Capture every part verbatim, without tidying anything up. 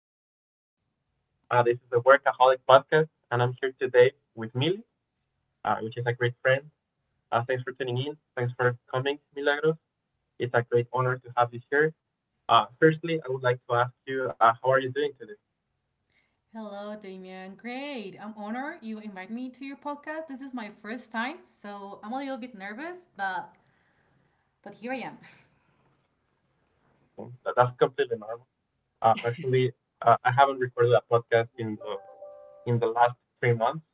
Thanks for tuning in. Uh, this is the Workaholic Podcast, and I'm here today with Mili, uh, which is a great friend. Uh, thanks for tuning in. Thanks for coming, Milagros. It's a great honor to have you here. Uh, firstly, I would like to ask you, uh, how are you doing today? Hello, Damian. Great. I'm honored you invite me to your podcast. This is my first time, so I'm a little bit nervous, but but here I am. That's completely normal. Uh, actually, uh, I haven't recorded a podcast in the in the last three months,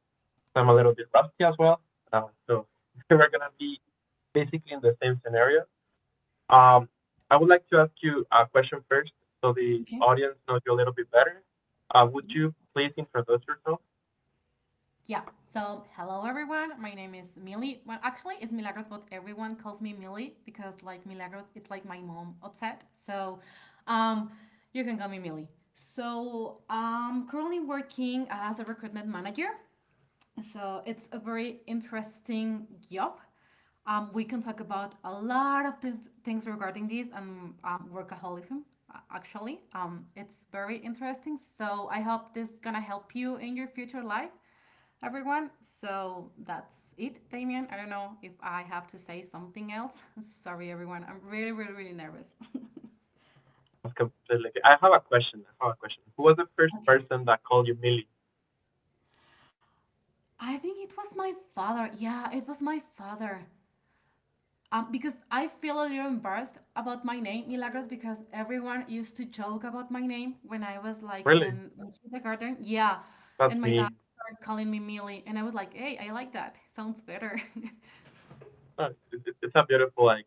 so I'm a little bit rusty as well. Uh, so we're gonna be basically in the same scenario. Um, I would like to ask you a question first so the Okay. audience knows you a little bit better. Uh, would you please introduce yourself? Yeah. So, hello everyone. My name is Millie. Well, actually, it's Milagros, but everyone calls me Millie because like Milagros, it's like my mom upset. So, um, you can call me Millie. So, I'm currently working as a recruitment manager. So it's a very interesting job. Um, we can talk about a lot of th- things regarding this and um, workaholism. a- Actually, um, it's very interesting. So I hope this gonna help you in your future life, everyone. So that's it, Damien. I don't know if I have to say something else. Sorry, everyone. I'm really, really, really nervous. That's completely okay. I have a question. I have a question. Who was the first Okay. person that called you Millie? I think it was my father. Yeah, it was my father. Um, because I feel a little embarrassed about my name, Milagros, because everyone used to joke about my name when I was like Really? in, in kindergarten. Yeah. That's And my dad me. started calling me Millie. And I was like, hey, I like that. Sounds better. Uh, it- it- It's a beautiful like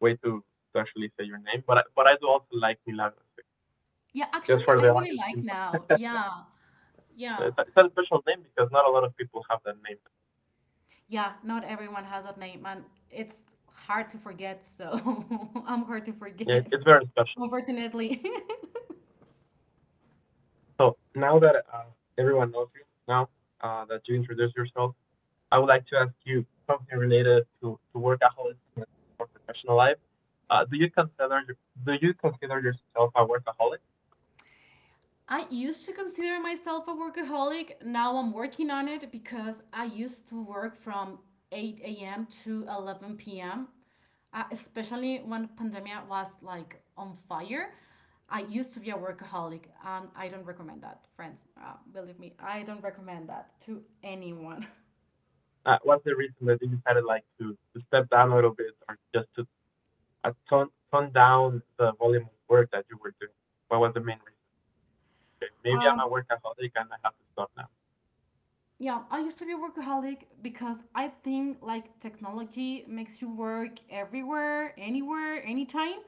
way to, to actually say your name. But I, but I do also like Milagros. yeah, Just actually, for I the really audience like to know, now. Yeah. Yeah. it's a, it's a special name because not a lot of people have that name. Yeah. Not everyone has that name. And it's hard to forget. So I'm hard to Yeah, forget, it- it's very special. unfortunately. So now that uh, everyone knows you, now uh, that you introduce yourself, I would like to ask you something related to, to workaholism in your professional life. Uh, do you consider do you consider yourself a workaholic? I used to consider myself a workaholic. Now I'm working on it because I used to work from eight a m to eleven p m. Uh, especially when pandemia was like on fire. I used to be a workaholic, and I don't recommend that, friends. Uh, believe me, I don't recommend that to anyone. Uh, what's the reason that you decided like to, to step down a little bit, or just to uh, tone tone down the volume of work that you were doing? What was the main reason? Okay, maybe I'm Um, a workaholic and I have to stop now. yeah, I used to be a workaholic because I think like technology makes you work everywhere, anywhere, anytime.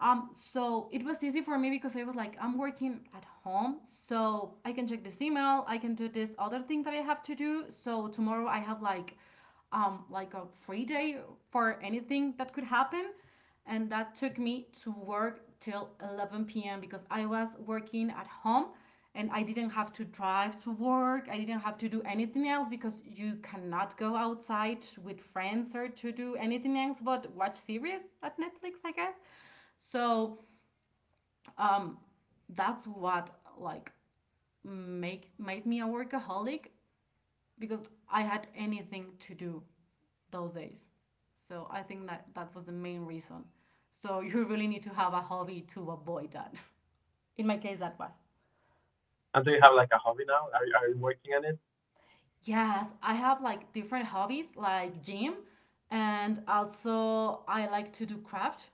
Um, so it was easy for me because I was like, I'm working at home, so I can check this email, I can do this other thing that I have to do. So tomorrow I have like um like a free day for anything that could happen. And that took me to work till eleven p m because I was working at home and I didn't have to drive to work. I didn't have to do anything else because you cannot go outside with friends or to do anything else but watch series at Netflix, I guess. So um, that's what like make made me a workaholic because I had anything to do those days. So I think that that was the main reason. So you really need to have a hobby to avoid that. In my case, that was. And do you have like a hobby now? Are you, are you working on it? Yes, I have like different hobbies like gym, and also I like to do craft.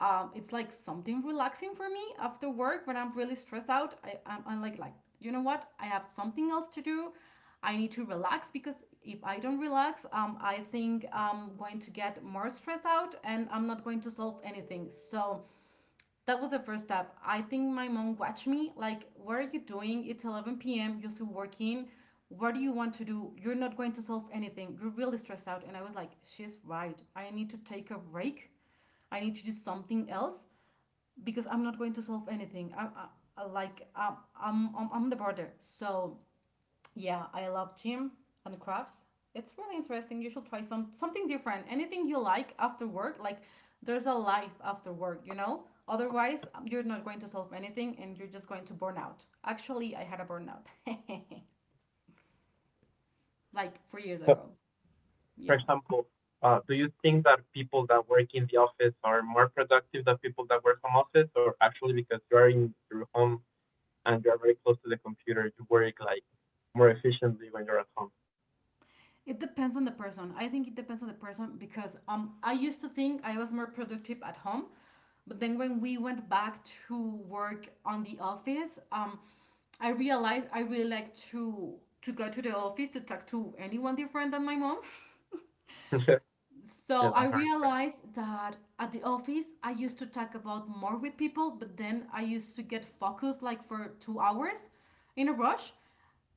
um, It's like something relaxing for me after work when I'm really stressed out. I, I'm, I'm like, like, you know what? I have something else to do. I need to relax because if I don't relax, um, I think I'm going to get more stressed out and I'm not going to solve anything. So that was the first step. I think my mom watched me like, what are you doing? It's eleven p m. You're still working. What do you want to do? You're not going to solve anything. You're really stressed out. And I was like, she's right. I need to take a break. I need to do something else because I'm not going to solve anything. I, I, I- like I'm, I'm, I'm, I'm the border. So yeah, I love gym and crafts. It's really interesting. You should try some something different. Anything you like after work, like there's a life after work, you know? Otherwise, um, you're not going to solve anything and you're just going to burn out. Actually, I had a burnout like four years So ago. for Yeah. example, uh, do you think that people that work in the office are more productive than people that work from office? Or actually because you are in your home and you are very close to the computer, you work like more efficiently when you're at home? It depends on the person. I think it depends on the person because um, I used to think I was more productive at home, but then when we went back to work on the office, um, I realized I really like to to go to the office to talk to anyone different than my mom. Yeah, So I that's very impressive. realized that at the office, I used to talk about more with people, but then I used to get focused like for two hours in a rush.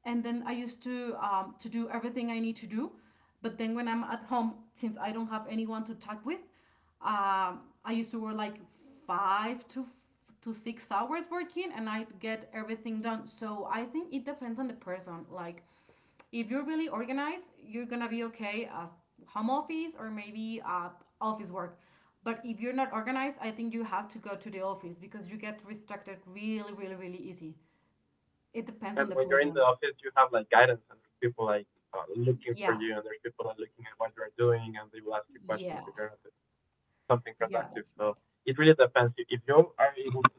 And then I used to um, to do everything I need to do. But then when I'm at home, since I don't have anyone to talk with, um, I used to work like five to f- to six hours working, and I get everything done. So I think it depends on the person. Like if you're really organized, you're gonna be okay as home office or maybe uh, office work, but if you're not organized, I think you have to go to the office because you get restricted really, really, really easy. It depends on And the when you're in the person. office, you have like guidance and there's people like uh, looking for Yeah. you, and there's people that are looking at what you're doing, and they will ask you questions Yeah. if you're something Yeah, productive. that's right. So it really depends. If you are able to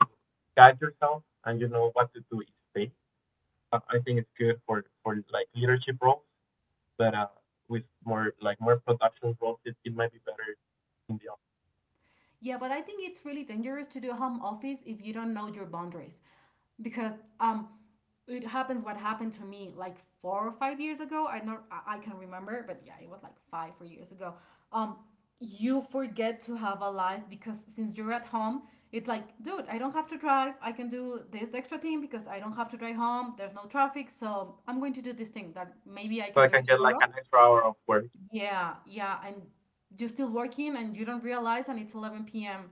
guide yourself and you know what to do each day, uh, I think it's good for for like leadership roles, but uh, with more like more production roles, it, it might be better in the office. Yeah, but I think it's really dangerous to do home office if you don't know your boundaries. Because um it happens what happened to me like four or five years ago. I not I I can remember, but yeah, it was like five, four years ago. Um you forget to have a life because since you're at home, it's like, dude, I don't have to drive. I can do this extra thing because I don't have to drive home. There's no traffic, so I'm going to do this thing that maybe I So can I do can it get like an tomorrow. extra hour of work. Yeah, yeah, and you're still working and you don't realize, and it's eleven p.m,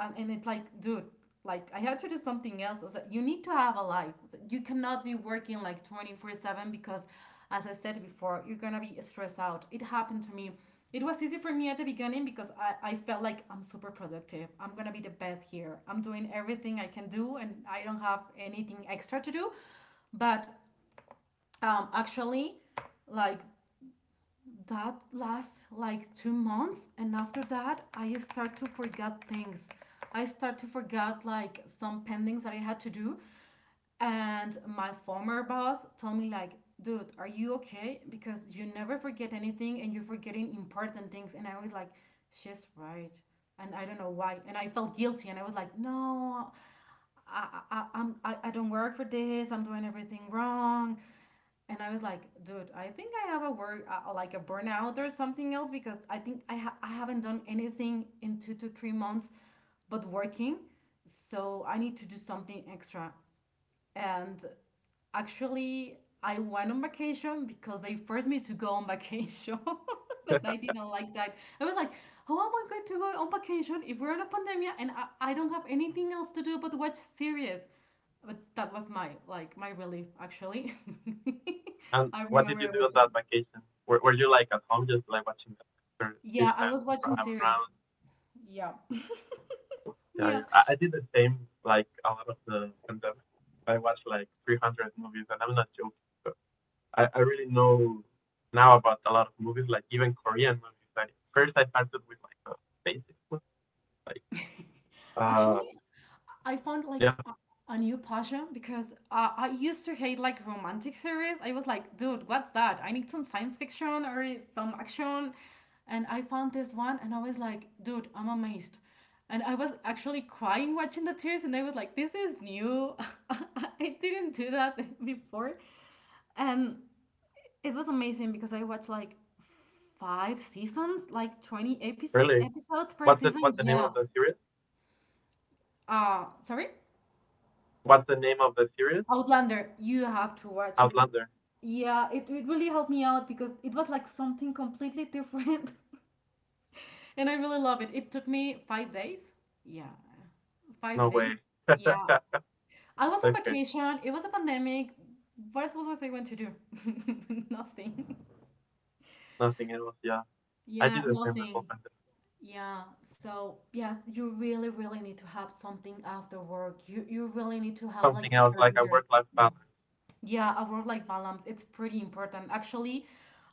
and, and it's like dude, like I had to do something else. I was like, you need to have a life, like, you cannot be working like twenty-four seven because as I said before, you're gonna be stressed out. It happened to me. It was easy for me at the beginning because I, I felt like I'm super productive, I'm gonna be the best here, I'm doing everything I can do and I don't have anything extra to do. But um, actually, like that lasts like two months, and after that I start to forget things. I start to forget like some pendings that I had to do, and my former boss told me like, dude, are you okay? Because you never forget anything and you're forgetting important things. And I was like, she's right. And I don't know why. And I felt guilty, and I was like, no, i i, I'm, I, I don't work for this. I'm doing everything wrong. And I was like, dude, I think I have a work uh, uh, like a burnout or something else because I think I ha- I haven't done anything in two to three months, but working. So I need to do something extra, and actually I went on vacation because they forced me to go on vacation. And I didn't like that. I was like, how am I going to go on vacation if we're in a pandemic and I, I don't have anything else to do but watch series? But that was my, like, my relief actually. And I what did remember you I do on watching. that vacation? Were, were you like at home just like watching Netflix, or you Yeah, I decided was to watching travel series. around? Yeah. Yeah, Yeah. yeah. I, I did the same like a lot of the pandemic. I watched like three hundred movies, and I'm not joking. But I I really know now about a lot of movies, like even Korean movies. I, first I started with like the basic ones, like Uh, Actually, I found like yep, a, a new passion because uh, I used to hate like romantic series. I was like, dude, what's that? I need some science fiction or some action. And I found this one and I was like, dude, I'm amazed. And I was actually crying watching the tears, and I was like, this is new. I didn't do that before. And it was amazing because I watched like five seasons, like twenty epis really. episodes per What's the season. What's the name Yeah. of the series? Uh, sorry? What's the name of the series? Outlander, you have to watch it. Outlander. Yeah, it, it really helped me out because it was like something completely different. And I really love it. It took me five days. Yeah, five No days. way. Yeah. I was on Okay, vacation. It was a pandemic. What what was I going to do? Nothing. nothing else. Yeah, I did Yeah, the same the whole nothing. pandemic. Yeah. So yeah, you really, really need to have something after work. You you really need to have like Something your else like a parameters. work life Mm. balance. Yeah, a work-life balance, it's pretty important. Actually,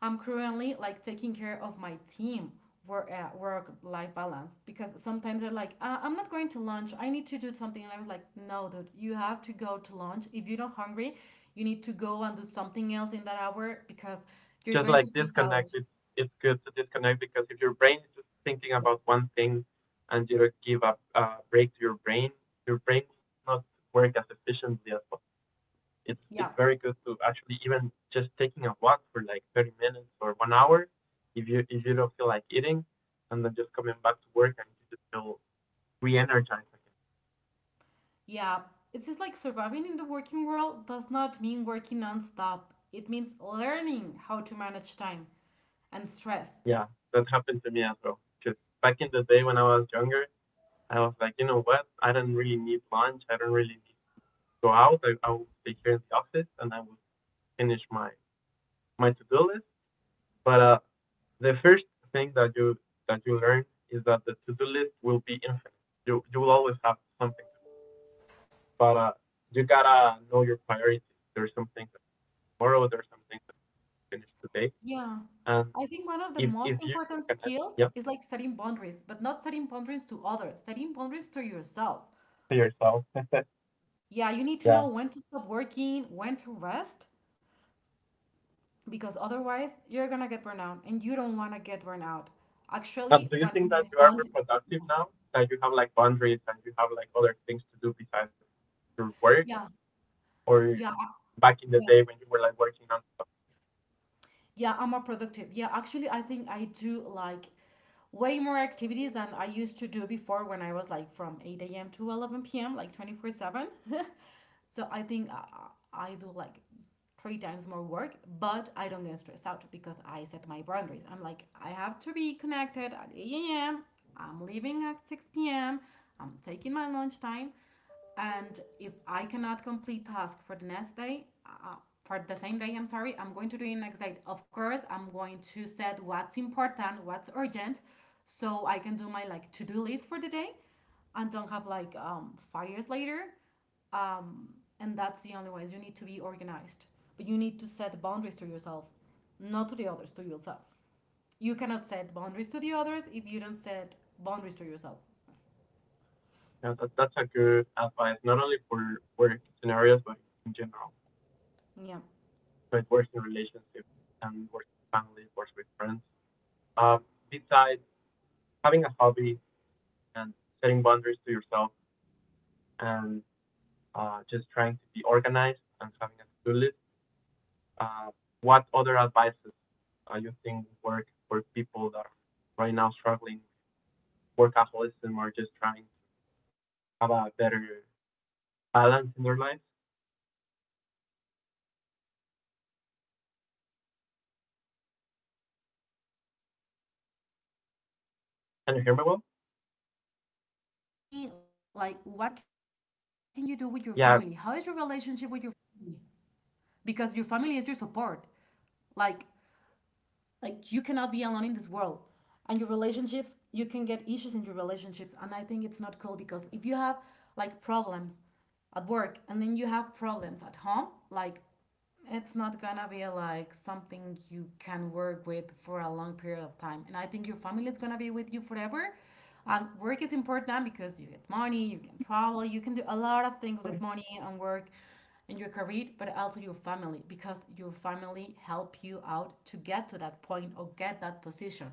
I'm currently like taking care of my team work uh, work-life balance because sometimes they're like, uh, I'm not going to lunch. I need to do something. And I was like, no, dude, you have to go to lunch. If you're not hungry, you need to go and do something else in that hour because you're Just going to like stress disconnect. out. It's It's good to disconnect, because if your brain is just thinking Yeah. about one thing, and you give a uh break to your brain, your brain will not work as efficiently as possible. It's it's Yeah. very good to actually even just taking a walk for like thirty minutes or one hour if you if you don't feel like eating, and then just coming back to work, and you just feel re-energized again. Yeah. It's just like surviving in the working world does not mean working nonstop. It means learning how to manage time and stress. Yeah, that happened to me as well. Because back in the day when I was younger, I was like, you know what? I don't really need lunch. I don't really need to go out. I, I will stay here in the office, and I will finish my my to-do list. But uh, the first thing that you that you learn is that the to-do list will be infinite. You you will always have something. But uh, you gotta know your priorities. There's some things tomorrow. There's some things that you finish today. Yeah. And I think one of the if most if you important organize, skills yep, is like setting boundaries, but not setting boundaries to others, setting boundaries to yourself. to yourself, Yeah, you need to yeah. know when to stop working, when to rest, because otherwise you're gonna get burnout and you don't wanna get burnout. Actually, Um, do you when think that my you are phone, more productive now that you have like boundaries and you have like other things to do besides your work? yeah, Or yeah, back in the yeah. day when you were like working on stuff? yeah I'm more productive. Yeah, actually, I think I do like way more activities than I used to do before, when I was like from eight a.m to eleven p.m, like twenty-four seven. So i think I, I do like three times more work, but I don't get stressed out because I set my boundaries. I'm like, I have to be connected at eight a.m, I'm leaving at six p.m, I'm taking my lunch time, and if I cannot complete task for the next day, uh, for the same day, I'm sorry, I'm going to do it next day. Of course I'm going to set what's important, what's urgent, so I can do my like to-do list for the day and don't have like um, fires later. um, and that's the only way. You need to be organized, but you need to set boundaries to yourself, not to the others, to yourself. You cannot set boundaries to the others if you don't set boundaries to yourself. Yeah, that, that's a good advice, not only for work scenarios but in general. Yeah. So it works in relationships, and works with family, works with friends. Um, Besides having a hobby, and setting boundaries to yourself, and uh, just trying to be organized and having a to-do list, Uh, what other advices uh, you think work for people that are right now struggling with workaholism, or just trying to have a better Yeah, besides a hobby, I balance in think their it's life? really important to that you take a look to your personal life. Like if you're in a relationship, um, if Can you hear you me well? have like family, like what can you do with your family? How is your relationship Yeah, with your family? Because your family is your support. Like like you cannot be alone in this world. And your relationships, you can get issues in your relationships. And I think it's not cool, because if you have like problems at work and then you have problems at home, like it's not gonna be like something you can work with for a long period of time. And I think your family is gonna be with you forever. And work is important because you get money, you can travel, you can do a lot of things with money and work in your career, but also your family, because your family help you out to get to that point or get that position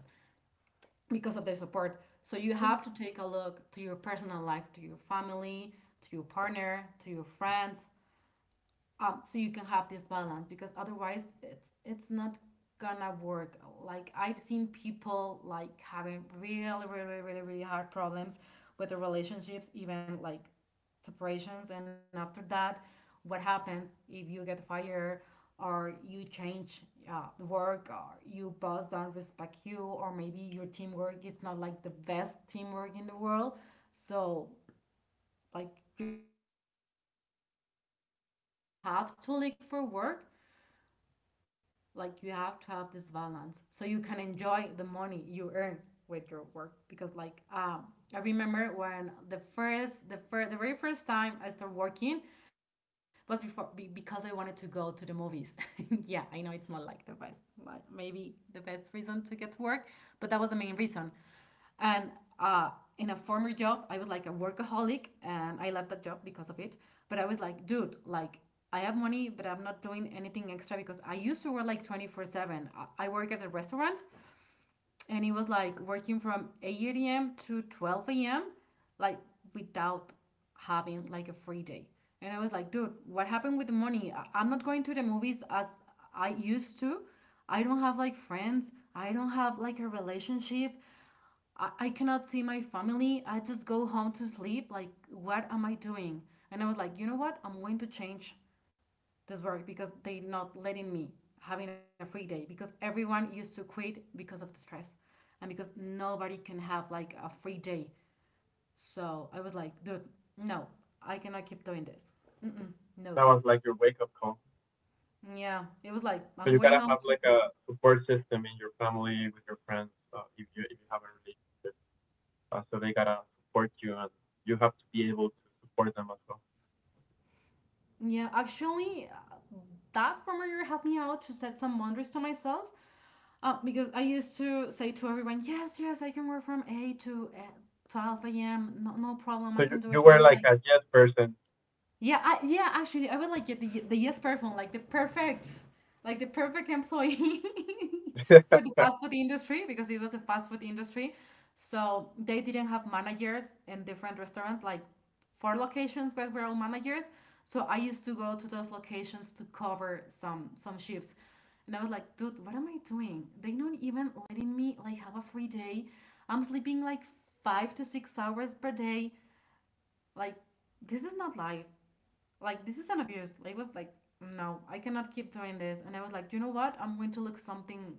because of their support. So you have to take a look to your personal life, to your family, to your partner, to your friends, um, so you can have this balance, because otherwise it's it's not gonna work. Like I've seen people like having really, really, really, really really hard problems with their relationships, even like separations, and after that, what happens if you get fired, or you change uh, work, or you boss don't respect you, or maybe your teamwork is not like the best teamwork in the world. So, like, you're practically alone in this world. It's like, you don't have to look for work, like you have to have this balance so you can enjoy the money you earn with your work. Because like um I remember when the first the first the very first time I started working was before be, because I wanted to go to the movies. Yeah, I know it's not like the best, like maybe the best reason to get to work, but that was the main reason. And uh, in a former job, I was like a workaholic, and I left that job because of it. But I was like, dude, like, I have money, but I'm not doing anything extra because I used to work like twenty-four seven. I work at a restaurant, and it was like working from eight a m to twelve a m, like without having like a free day. And I was like, dude, what happened with the money? I- I'm not going to the movies as I used to. I don't have like friends. I don't have like a relationship. I, I cannot see my family. I just go home to sleep. Like, what am I doing? And I was like, you know what? I'm going to change this work, because they're not letting me having a free day, because everyone used to quit because of the stress and because nobody can have like a free day. So I was like, dude, no, I cannot keep doing this. Mm-mm, no. that was like your wake-up call. Yeah, it was like, So I'm you going gotta home have to like sleep. a support system in your family, with your friends, uh, if you if you have a relationship. Uh, so they gotta support you, and you have to be able to support them as well. Yeah, actually, uh, that former year helped me out to set some boundaries to myself. Uh, because I used to say to everyone, yes, yes, I can work from eight to uh, twelve a m. No, no problem. So I you, can do you it. But were I was like like, a yes person. yeah, I, yeah. Actually, I would like get the the yes person, like the perfect, like the perfect employee for the Do fast food industry, because it was a fast food industry. So they didn't have managers in different restaurants, like four locations where we're all managers. So I used to go to those locations to cover some some shifts, and I was like, dude, what am I doing? They're not even letting me like have a free day. I'm sleeping like five to six hours per day. Like this is not life, like this is an abuse. I was like, no, I cannot keep doing this. And I was like, you know what? I'm going to look something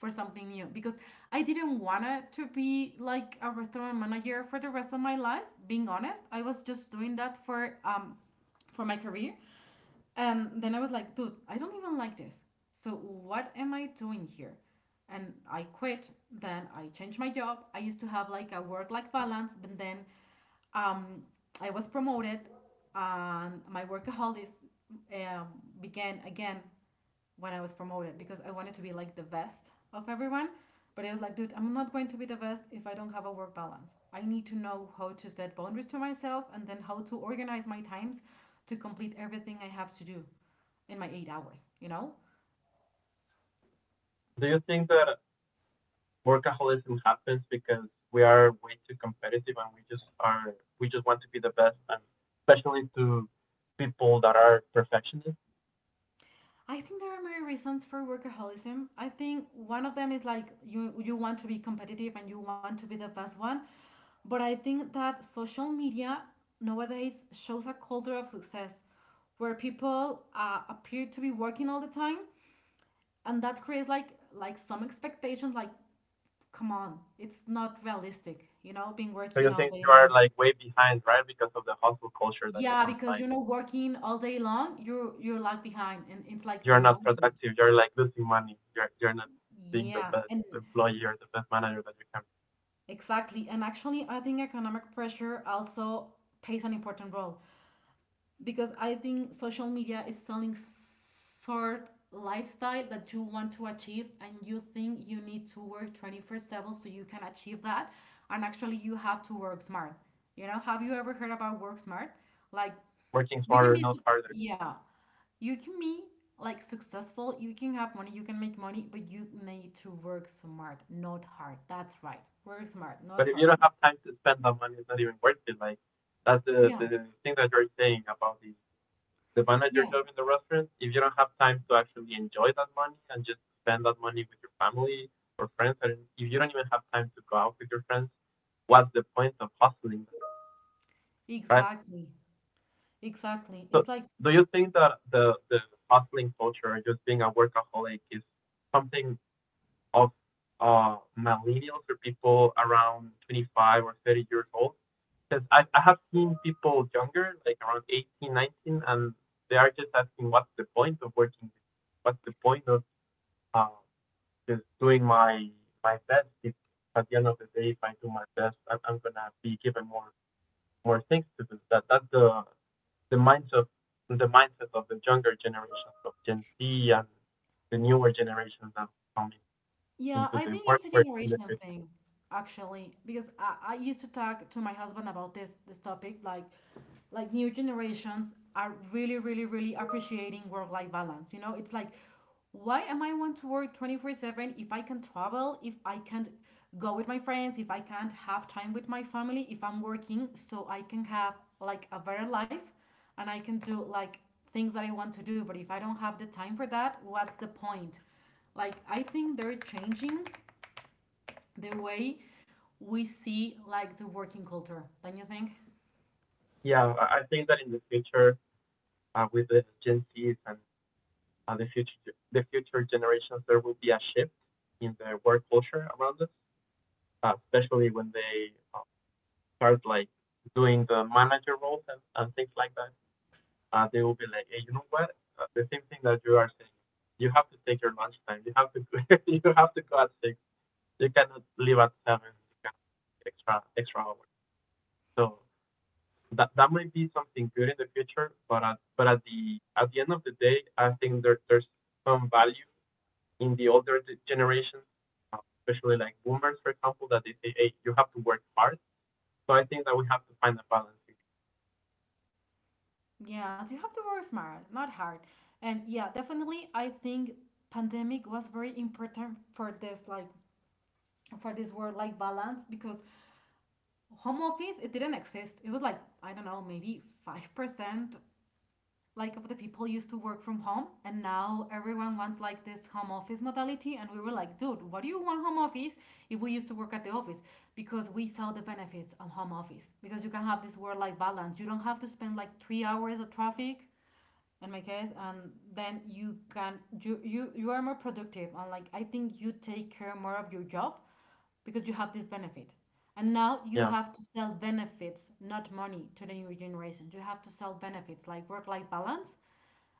for something new, because I didn't want to be like a restaurant manager for the rest of my life, being honest. I was just doing that for um for my career. And then I was like, dude, I don't even like this, so what am I doing here? And I quit. Then I changed my job. I used to have like a work life balance, but then, um, I was promoted, and my workaholism um, began again when I was promoted, because I wanted to be like the best of everyone. But I was like, dude, I'm not going to be the best if I don't have a work balance. I need to know how to set boundaries to myself and then how to organize my times to complete everything I have to do in my eight hours, you know? you think that workaholism happens because we are way too competitive, and we just are we just want to be the best, and especially to people that are perfectionists? I think there are many reasons for workaholism. I think one of them is like you you want to be competitive and you want to be the best one, but I think that social media nowadays shows a culture of success where people uh, appear to be working all the time, and that creates like like some expectations. Like, come on, it's not realistic, you know, being So working you all think day you are long. like way behind, right? Because of the hustle culture that is Yeah, online. because you're not working all day long, you're you're like behind, and it's like You're not no, dude. productive, you're like losing money. You're you're not being the Yeah, best and employee or the best manager that you can be. exactly. And actually, I think economic pressure also plays an important role, because I think social media is selling sort lifestyle that you want to achieve and you think you need to work twenty-four seven so you can achieve that, and actually you have to work smart. You know, have you ever heard about work smart? Like Working you can smarter, be not suc- harder. yeah, you can be like successful, you can have money, you can make money, but you need to work smart, not hard. That's right. Work smart, not But if you hard. don't have time to spend that money, it's not even worth it. Like that's the the Yeah, thing that you're saying about the the manager yeah, job in the restaurant. If you don't have time to actually enjoy that money and just spend that money with your family or friends, and if you don't even have time to go out with your friends, what's the point of hustling, right? exactly. Exactly. So It's like, do you think that the the hustling culture, or just being a workaholic, is something of uh millennials or people around twenty-five or thirty years old? Because I, I have seen people younger, like around eighteen, nineteen, and they are just asking, what's the point of working? What's the point of uh, just doing my my best? If at the end of the day, if I do my best, I'm, I'm gonna be given more more things to do. That that's the the mindset, the mindset of the younger generations, of Gen Z and the newer generations that come in- yeah, into I the think it's a workforce in the generation future. thing, actually, because I, I used to talk to my husband about this this topic, like like new generations are really, really, really appreciating work-life balance. You know, it's like, why am I want to work twenty-four seven if I can travel, if I can't go with my friends, if I can't have time with my family, if I'm working so I can have like a better life and I can do like things that I want to do, but if I don't have the time for that, what's the point? Like I think they're changing the way we see like the working culture. Don't you think? Yeah, I I think that in the future, uh, with the Gen Zs and uh, the future the future generations, there will be a shift in the work culture around us, uh, especially when they uh, start like doing the manager roles, and, and things like that. Uh, they will be like, hey, you know what? Uh, the same thing that you are saying. You have to take your lunch time. You have to go, You have to go at six. You cannot leave at seven. You can extra extra hours. So that that might be something good in the future, but at, but at the at the end of the day, I think there there's some value in the older generations, uh, especially like boomers, for example, that they say, hey, you have to work hard. So I think that we have to find a balance. Yeah, you have to work smart, not hard. And yeah, definitely I think pandemic was very important for this, like for this work life balance, because home office it didn't exist. It was like I don't know, maybe five percent like of the people used to work from home, and now everyone wants like this home office modality, and we were like, dude, what do you want home office if we used to work at the office? Because we saw the benefits of home office, because you can have this work life balance, you don't have to spend like three hours of traffic in my case, and then you can you you you are more productive, and like I think you take care more of your job because you have this benefit. And now you Yeah, have to sell benefits, not money, to the new generation. You have to sell benefits like work life balance.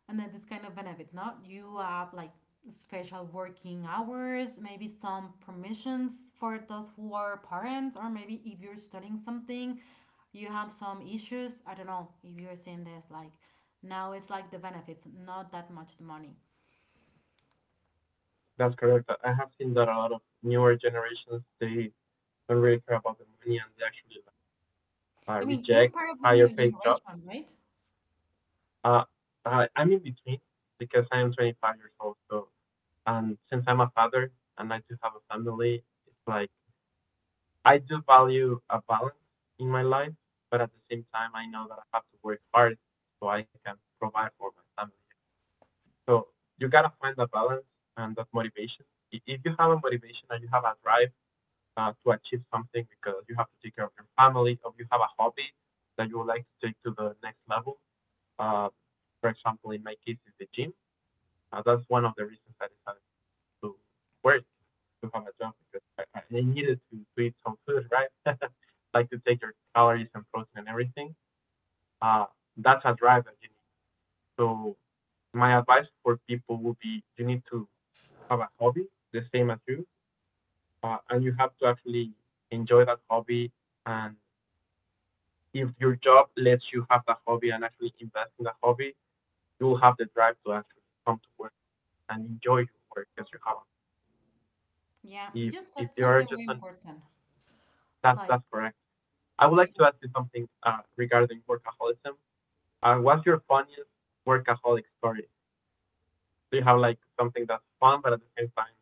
And then this kind of benefits now you have like special working hours, maybe some permissions for those who are parents, or maybe if you're studying something you have some issues. I don't know if you're seeing this, like now it's like the benefits, not that much the money. that's correct. I I have seen that a lot of newer generations, they don't really care about the money, and they actually uh, I mean, you're reject part of the higher new paid jobs. generation, right? Uh, I, I'm in between because I am twenty-five years old. So, and since I'm a father and I do have a family, it's like I do value a balance in my life, but at the same time, I know that I have to work hard so I can provide for my family. So you gotta find that balance and that motivation. I- If you have a motivation and you have a drive uh, to achieve something, because you have to take care of your family, or you have a hobby that you would like to take to the next level, uh, for example, in my case, is the gym. Uh, that's one of the reasons I decided to work to come a job, because I, I they needed to, to eat some food, right? Like to take your calories and protein and everything. Uh, that's a drive that you need. So my advice for people would be you need to have a hobby the same as you, uh, and you have to actually enjoy that hobby. And if your job lets you have that hobby and actually invest in that hobby, you'll have the drive to actually come to work and enjoy your work as your hobby. Yeah, you If just if said you are something just very on, important, that's like that's correct I would like to ask you something uh, regarding workaholism. Uh, what's your funniest workaholic story? Do you have like something that's fun but at the same time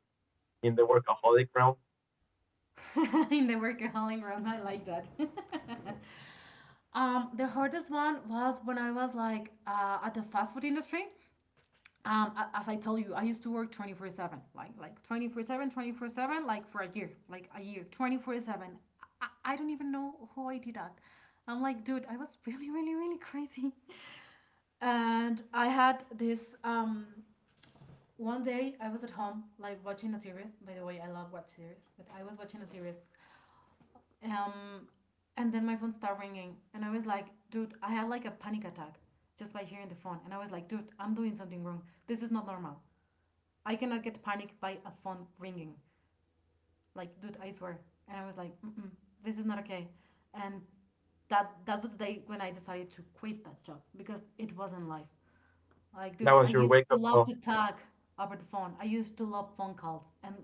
in the workaholic realm? yeah. In the workaholic room, I like that. Um, the hardest one was when I was like uh, at the fast food industry. um as I told you, I used to work twenty-four seven, like like twenty-four seven, twenty-four seven, like for a year, like a year, twenty-four seven. I, I don't even know how I did that. I'm like, dude, I was really really really crazy. And I had this um one day. I was at home like watching a series, by the way I love watch series, but I was watching a series. um and then my phone started ringing and I was like, dude, I had like a panic attack just by hearing the phone. And I was like, dude, I'm doing something wrong, this is not normal. I cannot get panicked by a phone ringing. Like, dude, I swear. And I was like, mm-mm, this is not okay. And that that was the day when I decided to quit that job because it wasn't life. Like, That dude, was I your used wake to up love call. to talk over the phone. I used to love phone calls. And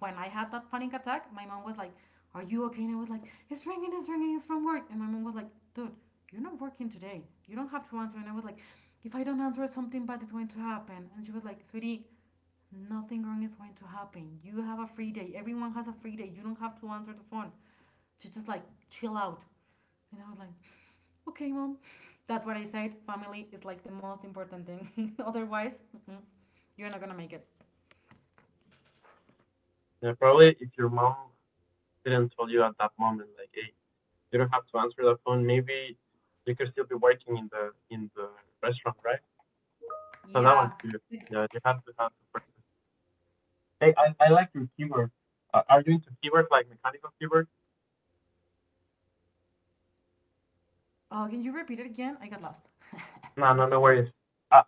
when I had that panic attack, my mom was like, "Are you okay?" And I was like, "It's ringing, it's ringing, it's from work." And my mom was like, "Dude, you're not working today. You don't have to answer." And I was like, "If I don't answer, something bad is going to happen." And she was like, "Sweetie. Nothing wrong is going to happen. You have a free day. Everyone has a free day. You don't have to answer the phone. You just like chill out." And I was like, okay, mom. That's what I said. Family is like the most important thing. Otherwise, mm-mm, you're not gonna make it. And probably if your mom didn't tell you at that moment, like, hey, you don't have to answer the phone. Maybe you could still be working in the in the restaurant, right? So Yeah. that was good. Yeah, you have to have the person. Hey, I, I like your keyboard. Uh, are you into keyboard like mechanical keyboard? Oh, can you repeat it again? I got lost. No, I'm no, no sorry. worries. I,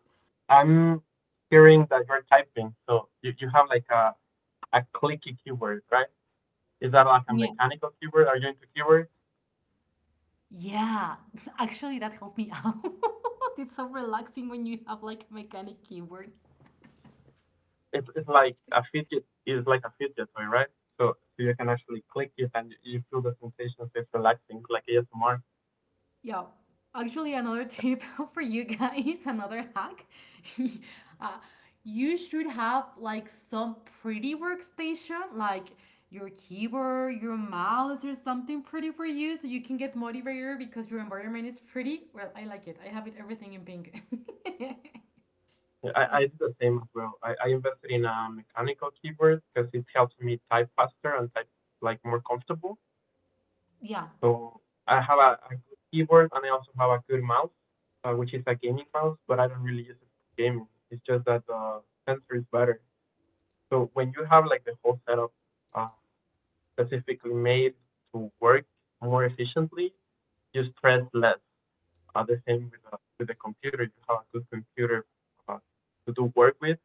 I'm hearing that you're typing, so you, you have like a, a clicky keyword, right? Is that like a Yeah. mechanical keyword? Are you into keywords? Yeah. Actually, that helps me out. It's so relaxing when you have like a mechanic keyboard. It's, it's like a fidget is like a fidget toy, right? So so you can actually click it and you feel the sensation, so it's relaxing, like A S M R. Yeah. Actually, another tip for you guys, another hack. uh, you should have like some pretty workstation, like your keyboard, your mouse, or something pretty for you so you can get motivated because your environment is pretty. Well, I like it. I have it everything in pink. I, So, I did the same as well. I, I invested in a mechanical keyboard because it helps me type faster and type like more comfortable. yeah. So I have a, a good keyboard and I also have a good mouse, uh, which is a gaming mouse, but I don't really use it for gaming. It's just that the sensor is better. So when you have like the whole setup uh, specifically made to work more efficiently, you stress less. Uh, the same with uh, with the computer. You have a good computer uh, to do work with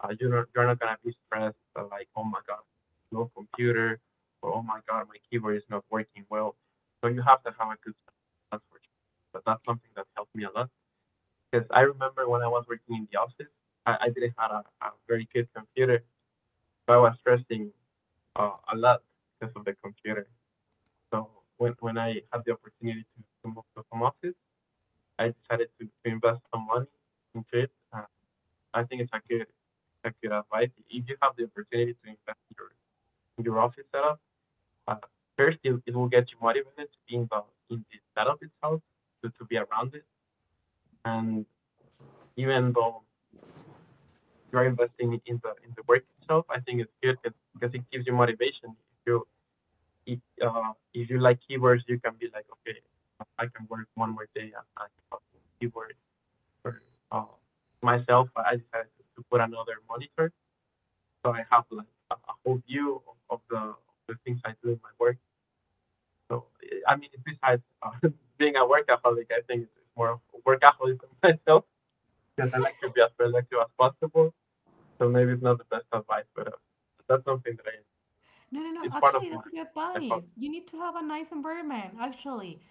uh, you're not, you're not gonna be stressed uh, like, oh my god, no computer, or oh my god, my keyboard is not working well. So you have to have a good balance for sure. But that's something that helped me a lot because I remember when I was working in the office, I, I didn't have a, a very good computer, so I was stressing uh, a lot because of the computer. So when when I had the opportunity to, to move to home office, I decided to, to invest some money into it. Uh, I think it's Shakira, Shakira, right? If you have the opportunity to invest in your, in your office setup, uh, first it, it will get you motivated to be involved in the setup itself, to, to be around it, and even though you're investing in the in the work itself, I think it's good because it gives you motivation. If you if, uh, if you like keywords, you can be like, okay, I can work one more day and I can work keywords. Or uh, myself, I decided to put another monitor so I have like a, whole view of, of the of the things I do in my work. So I mean, besides uh, being a workaholic, I think it's more of a workaholism myself because I like to be as productive as possible. So maybe it's not the best advice, but uh, that's something that I, No, no, no. it's part of Actually, my that's a good my hobby. advice. You need to have a nice environment, actually.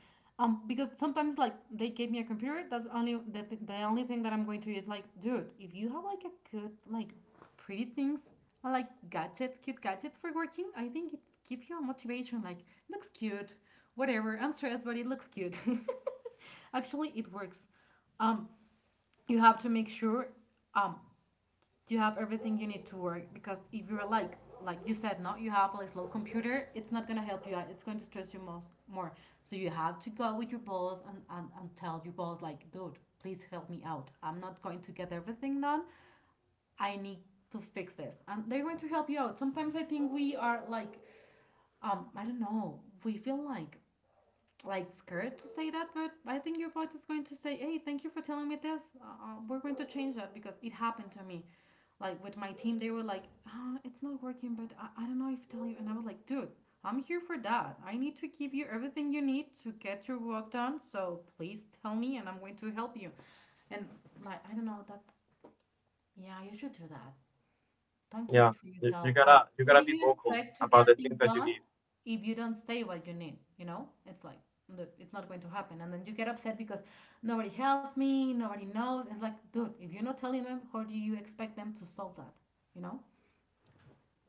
Um, because sometimes like they gave me a computer, that's only the, th the only thing that I'm going to use. Like, dude, if you have like a good like pretty things, or like gadgets, cute gadgets for working, I think it gives you a motivation. Like, looks cute, whatever. I'm stressed, but it looks cute. Actually, it works. Um, you have to make sure um you have everything you need to work, because if you're like like you said, no, you have a slow computer, it's not going to help you out, it's going to stress you most more. So you have to go with your boss and, and, and tell your boss, like, dude, please help me out, I'm not going to get everything done. I need to fix this, and they're going to help you out. Sometimes I think we are like um I don't know, we feel like like scared to say that, but I think your bot is going to say, "Hey, thank you for telling me this. Uh, uh, we're going to change that because it happened to me." Like with my team, they were like, ah, "It's not working," but I, I don't know if to tell you. And I was like, "Dude, I'm here for that. I need to give you everything you need to get your work done. So please tell me, and I'm going to help you." And like, I don't know that. Yeah, you should do that. Don't keep Yeah, it for you, you yourself. gotta Like, you what do gotta be you vocal expect to about the get things things that you done need. if you don't say what you need? You know, it's like, dude, it's not going to happen, and then you get upset because nobody helped me, nobody knows. It's like, dude, if you're not telling them, how do you expect them to solve that? You know,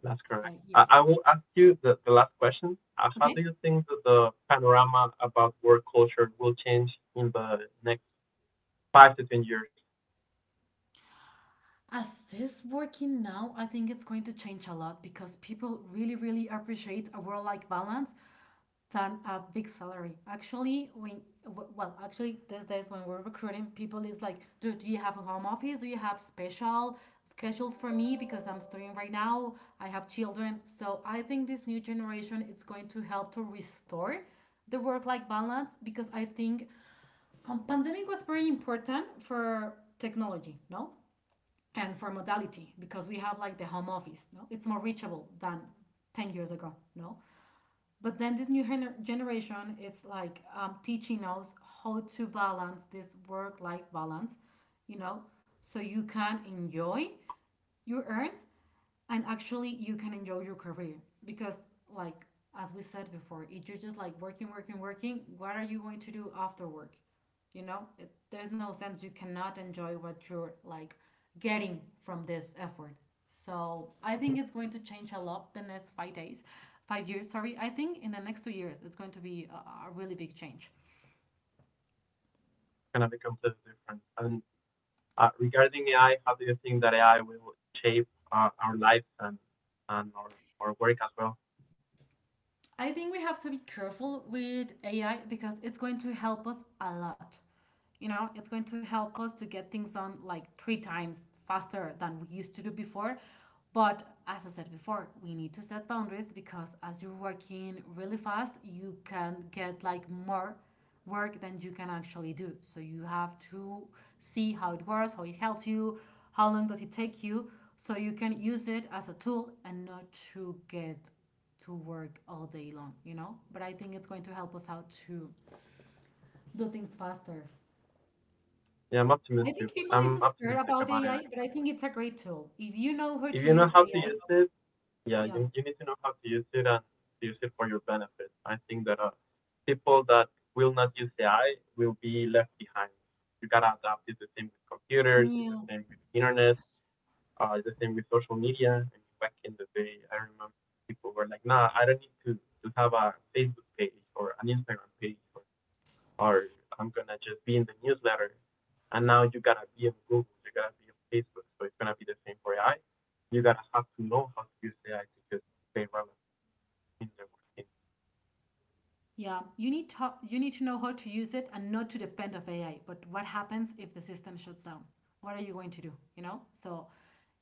That's it's correct. like, I, yeah, I will ask you the, the last question. Uh, how do okay. you think that the panorama about work culture will change in the next five to ten years? As this working now, I think it's going to change a lot because people really, really appreciate a work-life balance than a big salary. Actually, when well, actually these days when we're recruiting people, is like, dude, do you have a home office? Do you have special schedules for me because I'm studying right now? I have children. So I think this new generation it's going to help to restore the work-life balance, because I think um, pandemic was very important for technology, no, and for modality, because we have like the home office, no, it's more reachable than ten years ago, no. But then this new gener- generation, it's like um, teaching us how to balance this work-life balance, you know, so you can enjoy your earnings, and actually you can enjoy your career because like as we said before, if you're just like working working working, what are you going to do after work? You know it, there's no sense, you cannot enjoy what you're like getting from this effort. So I think it's going to change a lot the next five days, five years sorry. I think in the next two years it's going to be a, a really big change. Gonna be completely different. And uh, regarding A I, how do you think that A I will shape uh, our lives and and our, our work as well? I think we have to be careful with A I because it's going to help us a lot. You know, it's going to help us to get things done like three times faster than we used to do before. But as I said before, we need to set boundaries because as you're working really fast, you can get like more work than you can actually do. So you have to see how it works, how it helps you, how long does it take you, so you can use it as a tool and not to get to work all day long, you know? But I think it's going to help us out to do things faster. Yeah, I'm I optimistic. think people is I'm scared optimistic about about A I. A I, but I think it's a great tool. If you know how If to you know use how to A I, use it, yeah, yeah. you you need to know how to use it and use it for your benefit. I think that uh, people that will not use A I will be left behind. You gotta adapt. It's the same with computers. It's Yeah. the same with the internet. Uh, the same with social media. I mean, back in the day, I remember people were like, "Nah, I don't need to to have a Facebook page or an Instagram page, or, or I'm gonna just be in the newsletter." And now you gotta be on Google, you gotta be on Facebook, so it's gonna be the same for A I. You gotta have to know how to use A I to just stay relevant in the working. Yeah, you need to you need to know how to use it and not to depend of A I. But what happens if the system shuts down? What are you going to do? You know? So,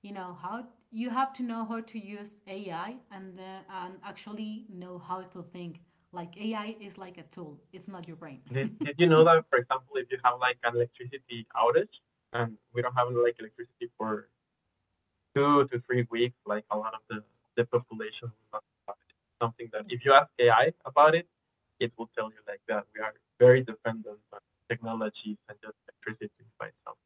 you know how, you have to know how to use A I and uh, and actually know how to think. Like A I is like a tool. It's not your brain. Did Did you know that, for example, if you have like an electricity outage and we don't have like electricity for two to three weeks, like a lot of the, the population will not survive. Something that if you ask A I about it, it will tell you like that. We are very dependent on technologies and just electricity by itself.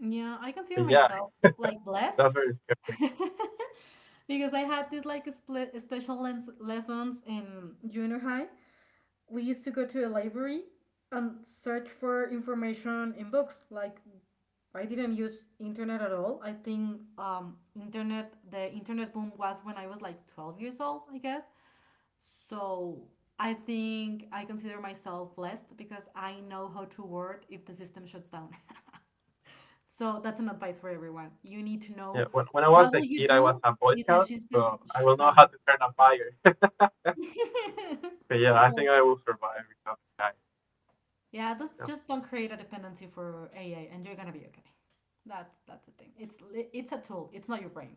Yeah, I consider But yeah, myself like that's blessed very scary. because I had this like split special lens lessons in junior high. We used to go to a library and search for information in books. Like, I didn't use internet at all. I think um internet the internet boom was when I was like twelve years old, I guess. So I think I consider myself blessed because I know how to word if the system shuts down. So that's an advice for everyone. You need to Yeah, know when, when I was what a will you kid, I was do a Boy if the Scout, system so I will shuts know how down. to turn a fire. but yeah, I think I will survive without A I. Yeah, just Yeah. just don't create a dependency for A I, and you're gonna be okay. That's that's the thing. It's li- it's a tool. It's not your brain.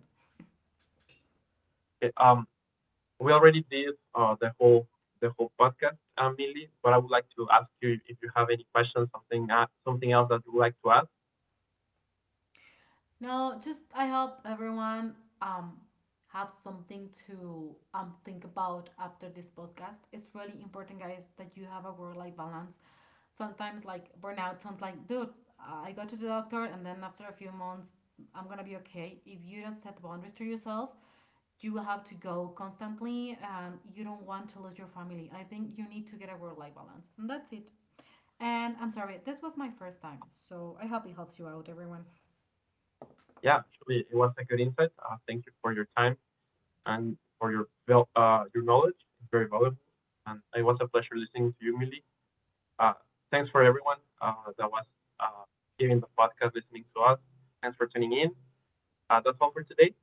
Okay, um, we already did uh, the whole the whole podcast, uh, Millie, but I would like to ask you if if you have any questions, something uh, something else that you would like to ask. No, just I hope everyone um have something to um think about after this podcast. It's really important, guys, that you have a work-life balance. Sometimes like burnout sounds like, dude, I go to the doctor and then after a few months I'm gonna be okay. If you don't set boundaries to yourself, you will have to go constantly and you don't want to lose your family. I think you need to get a work-life balance. And that's it. And I'm sorry, this was my first time, so I hope it helps you out, everyone. Yeah, actually, it was a good insight. Uh, thank you for your time and for your val- uh, your knowledge. It's very valuable, and it was a pleasure listening to you, Millie. Uh, thanks for everyone uh, that was uh, giving the podcast, listening to us. Thanks for tuning in. Uh, that's all for today.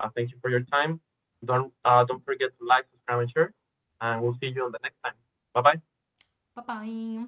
Uh, thank you for your time. Don't uh, don't forget to like, subscribe, and share. And we'll see you on the next time. Bye bye. 拜拜。